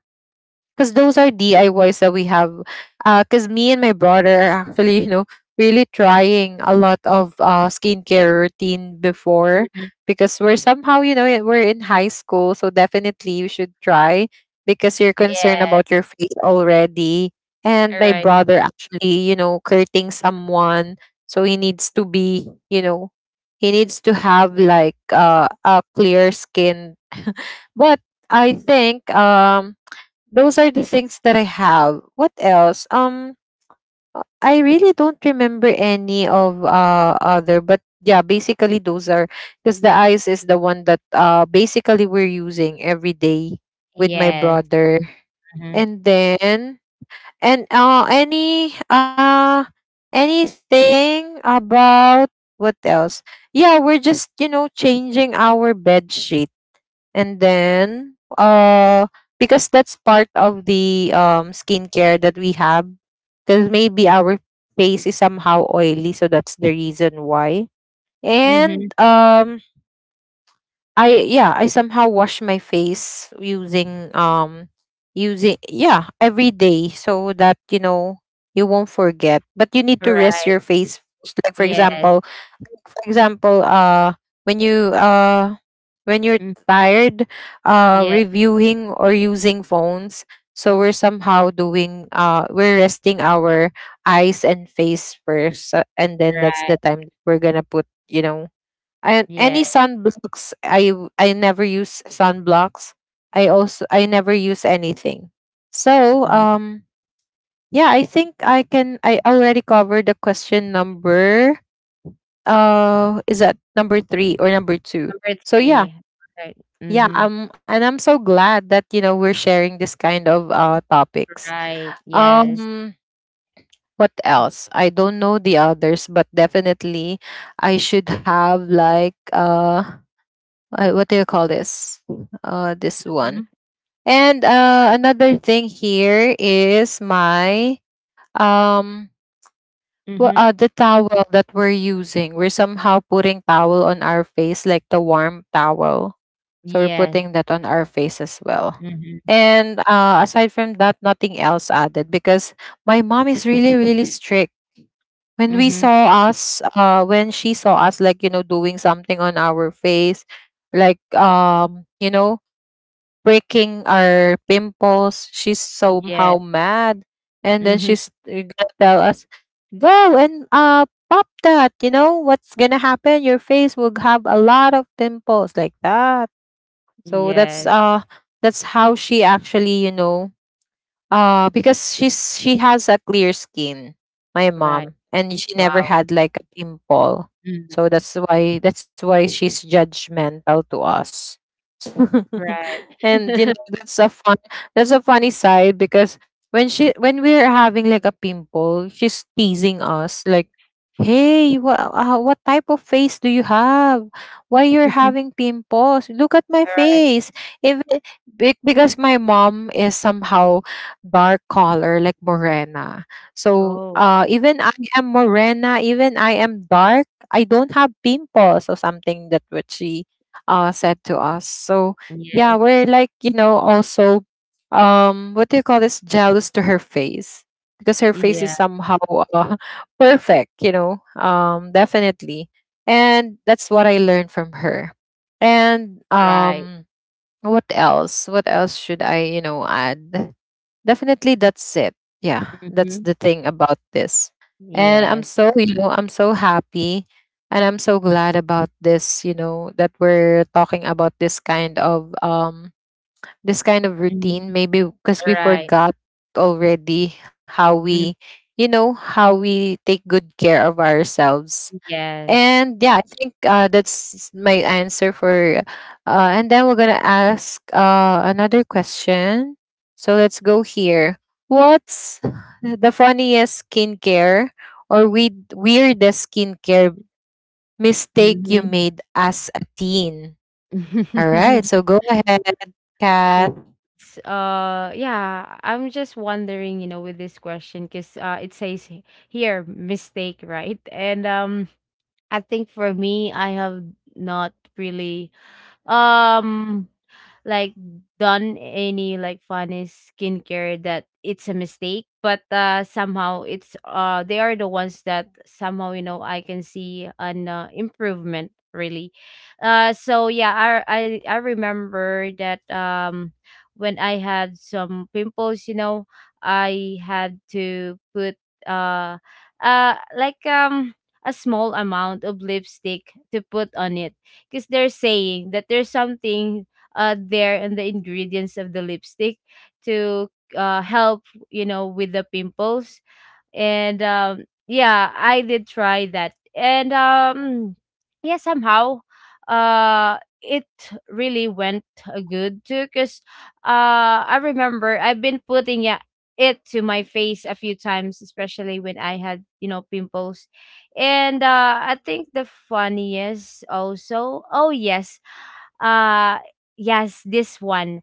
because those are DIYs that we have. Because me and my brother are actually, you know, really trying a lot of skincare routine before,
Mhm.
because we're somehow, you know, we're in high school, so definitely you should try because you're concerned about
Yes.
your face already. And my
Right.
brother, actually, you know, courting someone, so he needs to be, you know, he needs to have like a clear skin. But I think those are the things that I have. What else? I really don't remember any of other, but yeah, basically those are, because the eyes is the one that basically we're using every day with my
Yes.
brother,
Mhm.
and then, and any anything about what else? Yeah, we're just, you know, changing our bed sheet. And then, because that's part of the skincare that we have, because maybe our face is somehow oily, so that's the reason why. And
Mhm.
I, yeah, I somehow wash my face using using, yeah, every day, so that you know you won't forget. But you need to rest
Right.
your face first. Like for
Yes.
example, for example, when you when you're
Mm.
tired,
Yes.
reviewing or using phones, so we're somehow doing, we're resting our eyes and face first, and then
Right.
that's the time we're going to put, you know, and any
Yes.
sunblocks. I never use sunblocks. I also I never use anything. So
Mhm.
yeah, I think I can. I already covered the question number. Is that number three or number two?
Number
So yeah,
3. Right.
yeah.
Mhm.
And I'm so glad that, you know, we're sharing this kind of topics.
Right. Yes.
Um, what else? I don't know the others, but definitely I should have like what do you call this? This one.
Mhm.
And
Right.
another thing here is my um
Mhm.
the towel that we're using. We're somehow putting towel on our face, like the warm towel. So we're
Yes.
putting that on our face as well.
Mhm.
And aside from that, nothing else added because my mom is really, really strict. When we
Mhm.
saw us, when she saw us, like, you know, doing something on our face, like you know, breaking our pimples. She's
Yes.
somehow mad, and then
Mhm.
she's gonna tell us, "Go and pop that. You know what's gonna happen? Your face will have a lot of pimples like that." So that's
Yes.
uh, that's how she actually, you know. Because she has a clear skin, my
Right.
mom, and she never
Wow.
had like a pimple. So
Mhm.
that's why, that's why she's judgmental to us.
Right.
And you know, that's a fun, that's a funny side because when we're having like a pimple, she's teasing us like, "Hey, what type of face do you have? Why you're
Mhm.
having pimples? Look at my
Right.
face." If, because my mom is somehow dark color, like morena. So
Oh,
even I am morena, even I am dark, I don't have pimples or something, that what she said to us. So yeah,
yes.
we're like, you know, also what do you call this? Jealous to her face. Because her face
Yeah.
is somehow uh, perfect, you know, definitely. And that's what I learned from her. And
Right.
what else? What else should I, you know, add? Definitely that's it. Yeah, that's
Mhm.
the thing about this. And I'm
Yes.
so, you know, I'm so happy, and I'm so glad about this, you know, that we're talking about this kind of
Mhm.
routine. Maybe because we
Right.
forgot already how
Mm-hmm.
we, you know, how we take good care of ourselves.
Yes.
And yeah, I think that's my answer for. And then we're gonna ask another question. So let's go here. What's the funniest skincare, or weirdest skincare mistake you
Mhm.
made as a teen? All right, so go ahead, Kath.
It's, yeah, I'm just wondering, you know, with this question, because, it says here, mistake, right? And, I think for me, I have not really, um like, done any, like, funny skincare that it's a mistake, but, somehow it's, they are the ones that somehow, you know, I can see an, improvement, really. So yeah, I remember that, when I had some pimples, you know, I had to put, uh like, a small amount of lipstick to put on it, because they're saying that there's something, there in the ingredients of the lipstick to, help, you know, with the pimples. And yeah, I did try that. And yeah, somehow, it really went, good too, because, I remember I've been putting it to my face a few times, especially when I had, you know, pimples. And I think the funniest also. Oh, yes, uh yes, this one,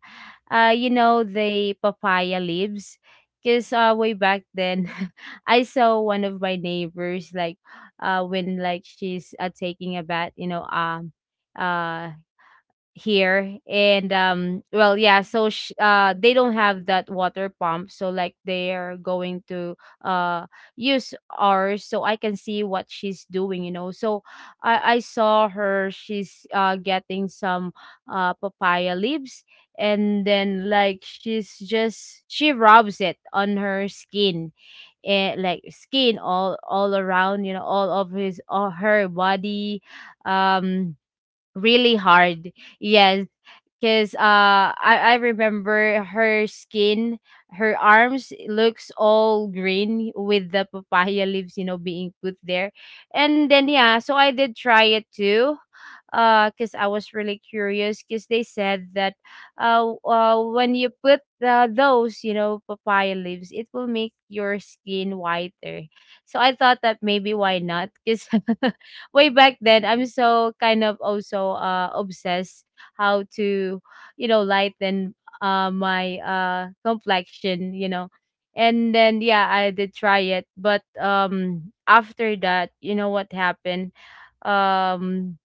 you know, the papaya leaves. Because way back then, I saw one of my neighbors like, when like she's taking a bath, you know, uh, here and well yeah, so they don't have that water pump, so like they're going to uh use ours, so I can see what she's doing, you know. So I saw her, she's getting some papaya leaves, and then she rubs it on her skin, and like skin all around, you know, all of his all her body um really hard. Yes. Cause uh, I remember her skin, her arms looks all green with the papaya leaves, you know, being put there, and then yeah, so I did try it too, cause I was really curious, cause they said that, when you put those, you know, papaya leaves, it will make your skin whiter. So I thought that maybe why not, cause way back then I'm so kind of also obsessed how to, you know, lighten my complexion, you know. And then yeah, I did try it, but after that, you know what happened? um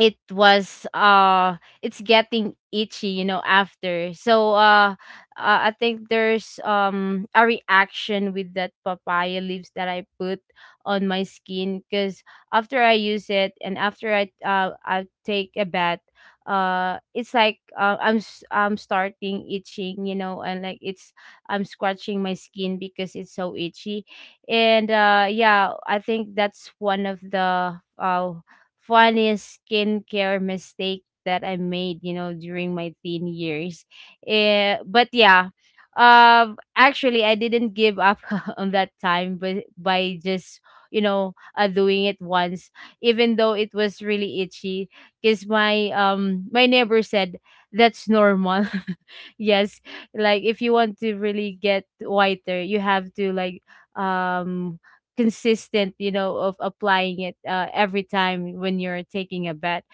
it was it's getting itchy, you know, after, so I think there's a reaction with that papaya leaves that I put on my skin, because after I use it, and after I take a bath, it's like, I'm starting itching, you know, and like it's, I'm scratching my skin because it's so itchy. And yeah, I think that's one of the funniest skincare mistake that I made, you know, during my teen years. Eh, but yeah, actually, I didn't give up on that time, but by just, you know, doing it once, even though it was really itchy, because my my neighbor said that's normal. Yes, like if you want to really get whiter, you have to like um consistent, you know, of applying it every time when you're taking a bet.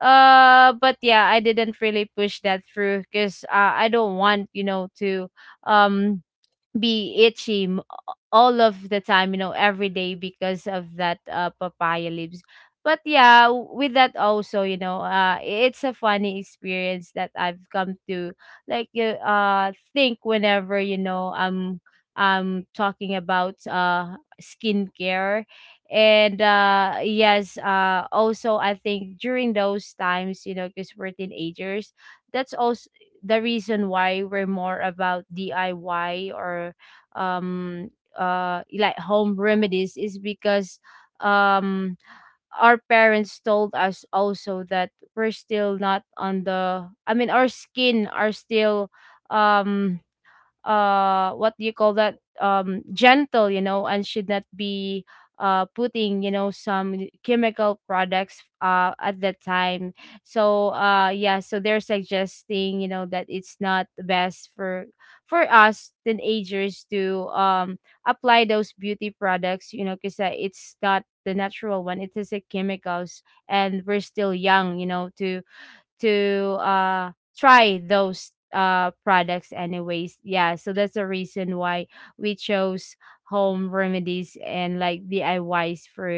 But yeah, I didn't really push that through, because I don't want, you know, to um be itchy all of the time, you know, every day, because of that papaya leaves. But yeah, with that also, you know, it's a funny experience that I've come to like think whenever, you know, I'm talking about skincare. And yes, also I think during those times, you know, because we're teenagers, that's also the reason why we're more about DIY or um like home remedies, is because um our parents told us also that we're still not on the, I mean, our skin are still um what do you call that, gentle, you know, and should not be putting, you know, some chemical products at that time. So yeah, so they're suggesting, you know, that it's not best for us teenagers to apply those beauty products, you know, because it's not the natural one, it is a chemicals, and we're still young, you know, to to try those products anyways. Yeah, so that's the reason why we chose home remedies and like diys for,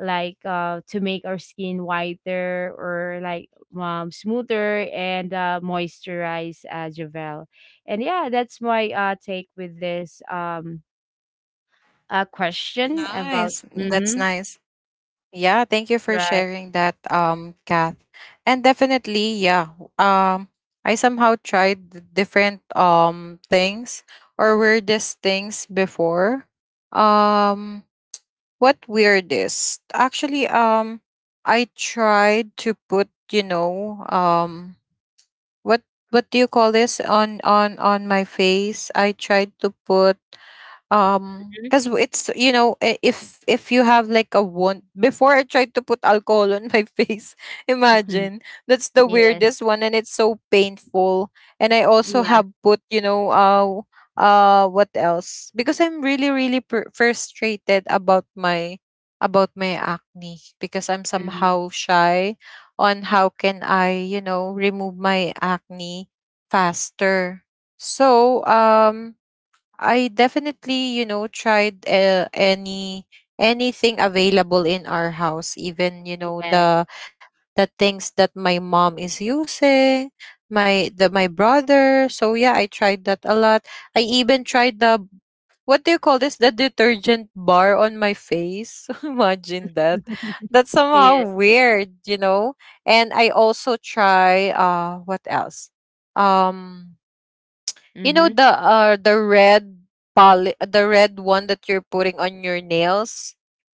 like, to make our skin whiter, or like smoother, and moisturize, javel. And yeah, that's my take with this question about
Nice. That's
mm-hmm.
nice. Yeah, thank you for
Right.
sharing that, Kath. And definitely, yeah. I somehow tried the different things or weirdest things before. Um, what weirdest? Actually, I tried to put, you know, what what do you call this on on my face? I tried to put because it's, you know, if you have like a wound before, I tried to put alcohol on my face.
Mhm.
Imagine, that's the
Yes.
weirdest one, and it's so painful. And I also
Yeah.
have put, you know, what else? Because I'm really, really frustrated about my, about my acne because I'm
Hmm.
somehow shy on how can I, you know, remove my acne faster. So I definitely, you know, tried any anything available in our house, even, you know,
Yes.
the things that my mom is using, my brother. So yeah, I tried that a lot. I even tried the, what do you call this? The detergent bar on my face. Imagine that. That's
Yes.
somehow weird, you know. And I also try, what else? Um, you know
Mm-hmm.
the red poly, the red one that you're putting on your nails,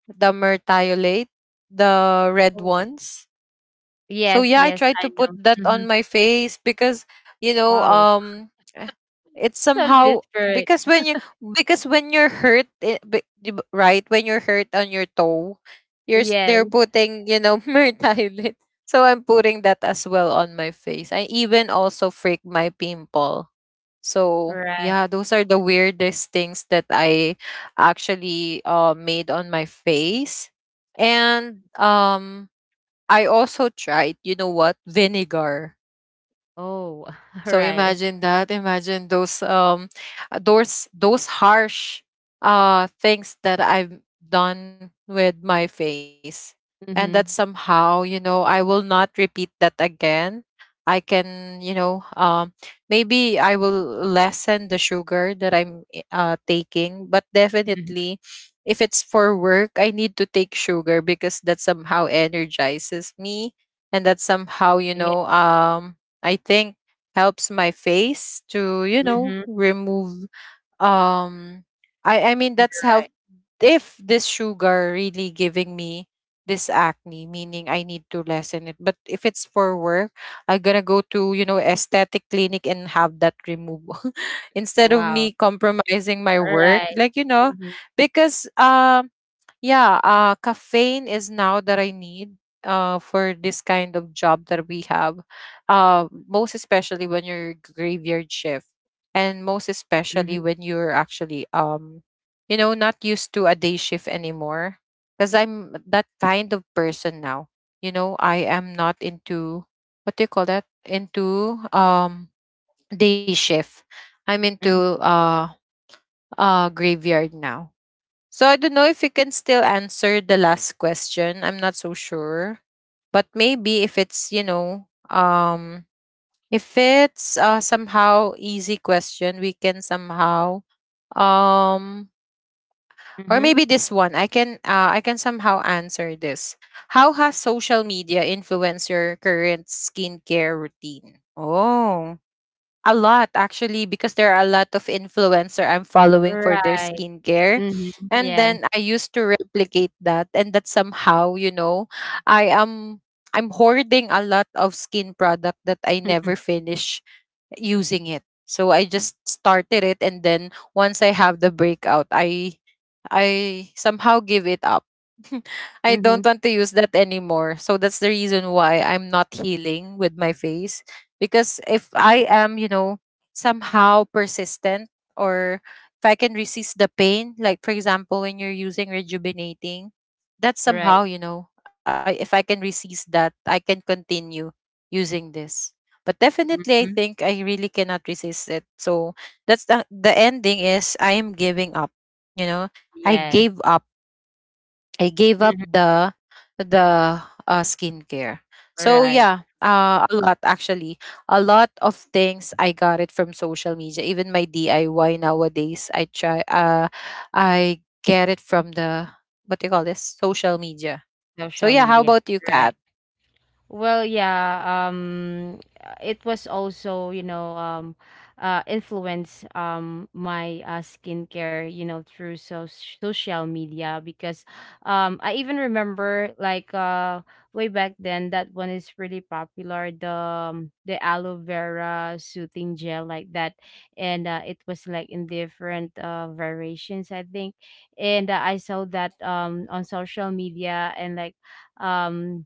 the mertiolate, the red
Oh.
ones. So
Yes,
yeah, I
yes,
tried to
I
put
know.
that on
Mhm.
my face because, you know,
Wow.
it's
So
somehow,
disparate.
because when you because when you're hurt, di ba- right, when you're hurt on your toe,
Yes,
they're putting, you know, myrtilate, so I'm putting that as well on my face. I even also freak my pimple. So
right.
yeah, those are the weirdest things that I actually made on my face. And I also tried, you know what? Vinegar.
Oh,
So
right.
imagine that. Imagine those those harsh things that I've done with my face. And that
Mhm.
somehow, you know, I will not repeat that again. I can, you know, um, maybe I will lessen the sugar that I'm taking, but
Mhm.
definitely if it's for work, I need to take sugar because that somehow energizes me, and that somehow, you
Yeah.
know, um, I think helps my face to, you know,
Mhm.
remove, um I mean, that's help.
Right.
If this sugar really giving me this acne, meaning I need to lessen it. But if it's for work, I'm gonna go to, you know, aesthetic clinic and have that removed instead of me
Wow.
compromising my work,
Right.
like, you know,
Mhm.
because yeah, caffeine is now that I need, for this kind of job that we have, most especially when you're graveyard shift, and most especially
Mhm.
when you're actually, you know, not used to a day shift anymore. Because I'm that kind of person now. You know, I am not into, what do you call that? Into day shift. I'm
Mhm.
into graveyard now. So I don't know if you can still answer the last question. I'm not so sure. But maybe if it's, you know, um, if it's somehow easy question, we can somehow um or
Mhm.
maybe this one. I can somehow answer this. How has social media influenced your current skincare routine? Oh. A lot, actually, because there are a lot of influencer I'm following for their
Right.
skincare.
Mhm.
And
Yes.
then I used to replicate that, and that somehow, you know, I am I'm hoarding a lot of skin product that I never finish using it. So I just started it, and then once I have the breakout, I somehow give it up. I don't
Mhm.
want to use that anymore. So that's the reason why I'm not healing with my face. Because if I am, you know, somehow persistent, or if I can resist the pain, like for example, when you're using rejuvenating, that's
Right.
somehow, you know, I, if I can resist that, I can continue using this. But definitely, I
Mhm.
think I really cannot resist it. So that's the ending is I am giving up, you know, I
Yes.
gave up. I gave up
Mhm.
the skincare. So
Right.
yeah, a lot, actually. A lot of things I got it from social media. Even my DIY nowadays, I try. I get it from the, what do you call this, social media. So
Social
yeah, how
media.
about you,
Right.
Kat?
Well, yeah, it was also, you know, influence my skincare, you know, through so social media, because I even remember like way back then, that one is really popular, the aloe vera soothing gel, like that. And it was like in different variations, I think. And I saw that on social media, and like, um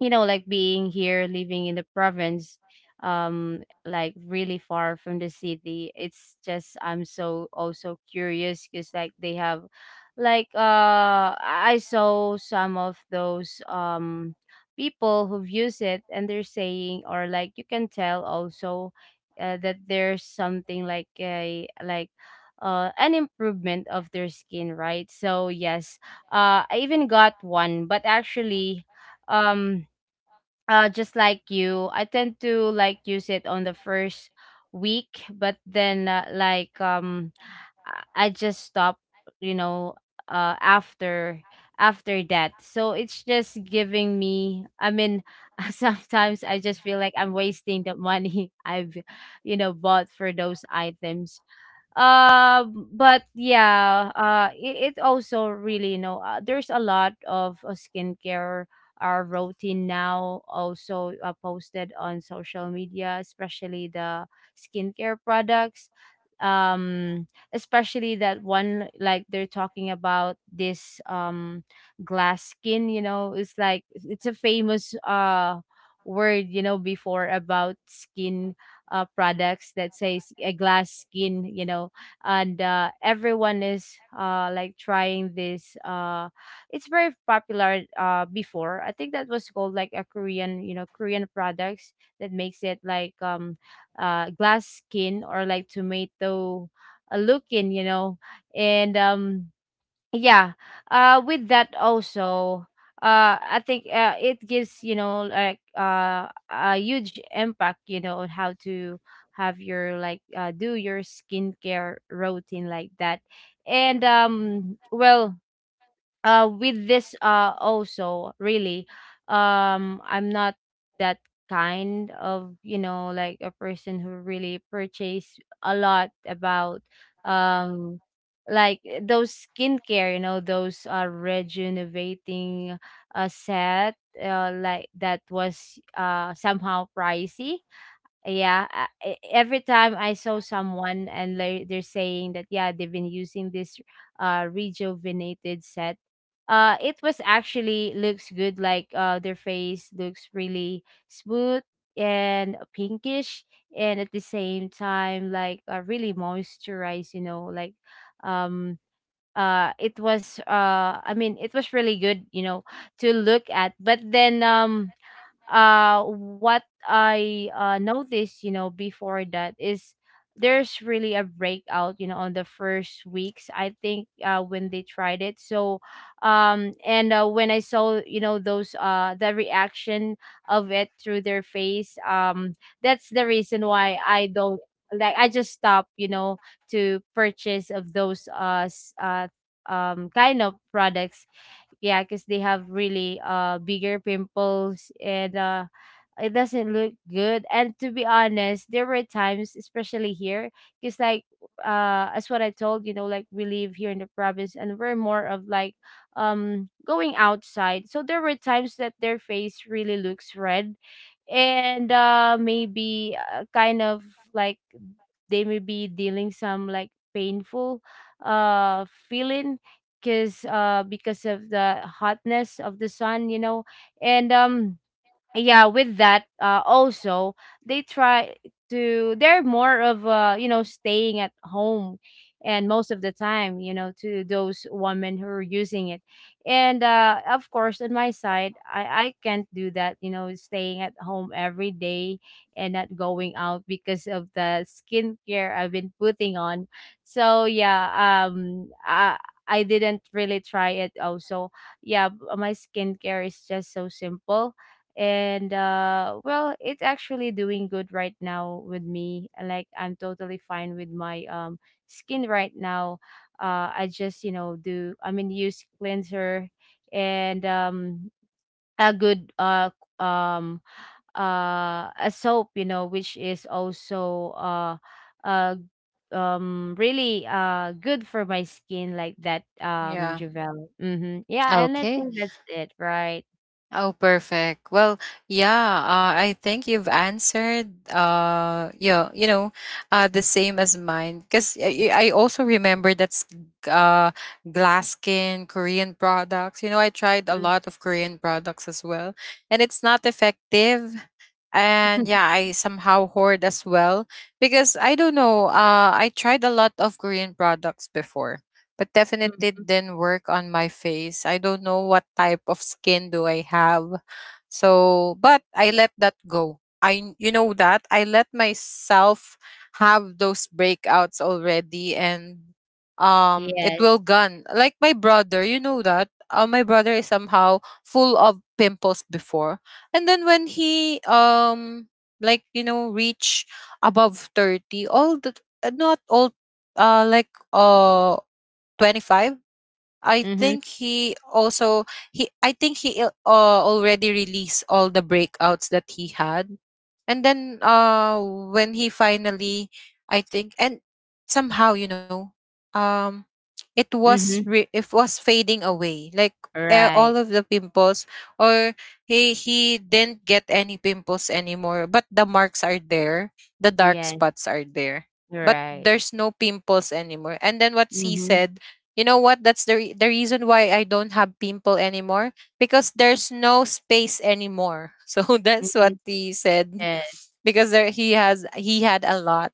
you know, like being here, living in the province, like really far from the city. It's just I'm so also curious, because like they have, like, uh, I saw some of those people who've used it, and they're saying, or like you can tell also that there's something like a like, an improvement of their skin, right? So yes, I even got one, but actually, um just like you, I tend to like use it on the first week, but then I just stop, you know, uh, after after that. So it's just giving me, I mean, sometimes I just feel like I'm wasting the money I've, you know, bought for those items. But yeah, it, it also really, you know, there's a lot of skincare routine now also posted on social media, especially the skincare products, especially that one, like they're talking about this glass skin, you know. It's like it's a famous word, you know, before about skincare products that says a glass skin, you know. And everyone is like trying this it's very popular before. I think that was called like a Korean, you know, Korean products that makes it like, glass skin, or like tomato looking, you know. And yeah, with that also, I think it gives, you know, like a huge impact, you know, on how to have your like do your skincare routine like that. And well, with this also really I'm not that kind of, you know, like a person who really purchase a lot about um like those skincare, you know, those rejuvenating set, like that was somehow pricey. Yeah, e- every time I saw someone, and they're saying that yeah, they've been using this rejuvenated set, it was actually looks good, like their face looks really smooth and pinkish, and at the same time, like, really moisturized, you know, like um it was I mean it was really good, you know, to look at. But then what I noticed, you know, before, that is, there's really a breakout, you know, on the first weeks, I think, when they tried it. So and when I saw, you know, those the reaction of it through their face, that's the reason why I don't, like, I just stopped, you know, to purchase of those kind of products. Yeah, because they have really bigger pimples, and it doesn't look good. And to be honest, there were times, especially here, because like, as what I told, you know, like we live here in the province, and we're more of like going outside, so there were times that their face really looks red, and maybe kind of like, they may be dealing some like painful feeling, because because of the hotness of the sun, you know. And yeah, with that also, they try to, they're more of you know, staying at home, and most of the time, you know, to those women who are using it. And of course, on my side, I can't do that, you know, staying at home every day, and not going out because of the skincare I've been putting on. So yeah, I didn't really try it also. Yeah, my skincare is just so simple, and well, it's actually doing good right now with me, like I'm totally fine with my skin right now. I just, you know, do, I mean, use cleanser, and a good um a soap, you know, which is also uh really good for my skin, like that
Yeah.
Javel. Mm-hmm. Yeah, and I think
Okay.
that's it, right?
Oh, perfect. Well, yeah, I think you've answered uh, yeah, you know, the same as mine, cuz I also remember that's uh Glaskin Korean products. You know, I tried a lot of Korean products as well, and it's not effective. And yeah, I somehow hoard as well because I don't know, I tried a lot of Korean products before, but definitely didn't work on my face. I don't know what type of skin do I have. So, but I let that go. I, you know that, I let myself have those breakouts already, and it
Yes.
will gone. Like my brother, you know that my brother is somehow full of pimples before. And then when he like you know reach above 30, all the not all uh like uh 25, I
Mhm,
think he also, he I think he already released all the breakouts that he had. And then when he finally, I think, and somehow, you know, um it was
mhm.
it was fading away, like,
Right.
all of the pimples, or he didn't get any pimples anymore, but the marks are there, the dark
Yes,
spots are there, but
right.
there's no pimples anymore. And then what she
Mhm,
said, you know what? That's the reason why I don't have pimple anymore, because there's no space anymore. So that's
mhm.
what he said,
Yes,
because there he has he had a lot.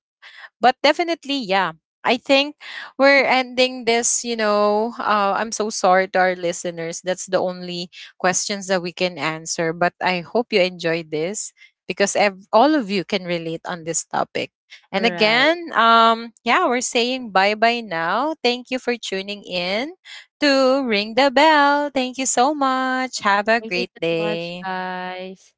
But definitely, yeah. I think we're ending this, you know. I'm so sorry to our listeners. That's the only questions that we can answer. But I hope you enjoyed this because all of you can relate on this topic. And
right.
again, yeah, we're saying bye bye now. Thank you for tuning in to Ring the Bell. Thank you so much. Have a
Thank you
great
so much,
day.
guys.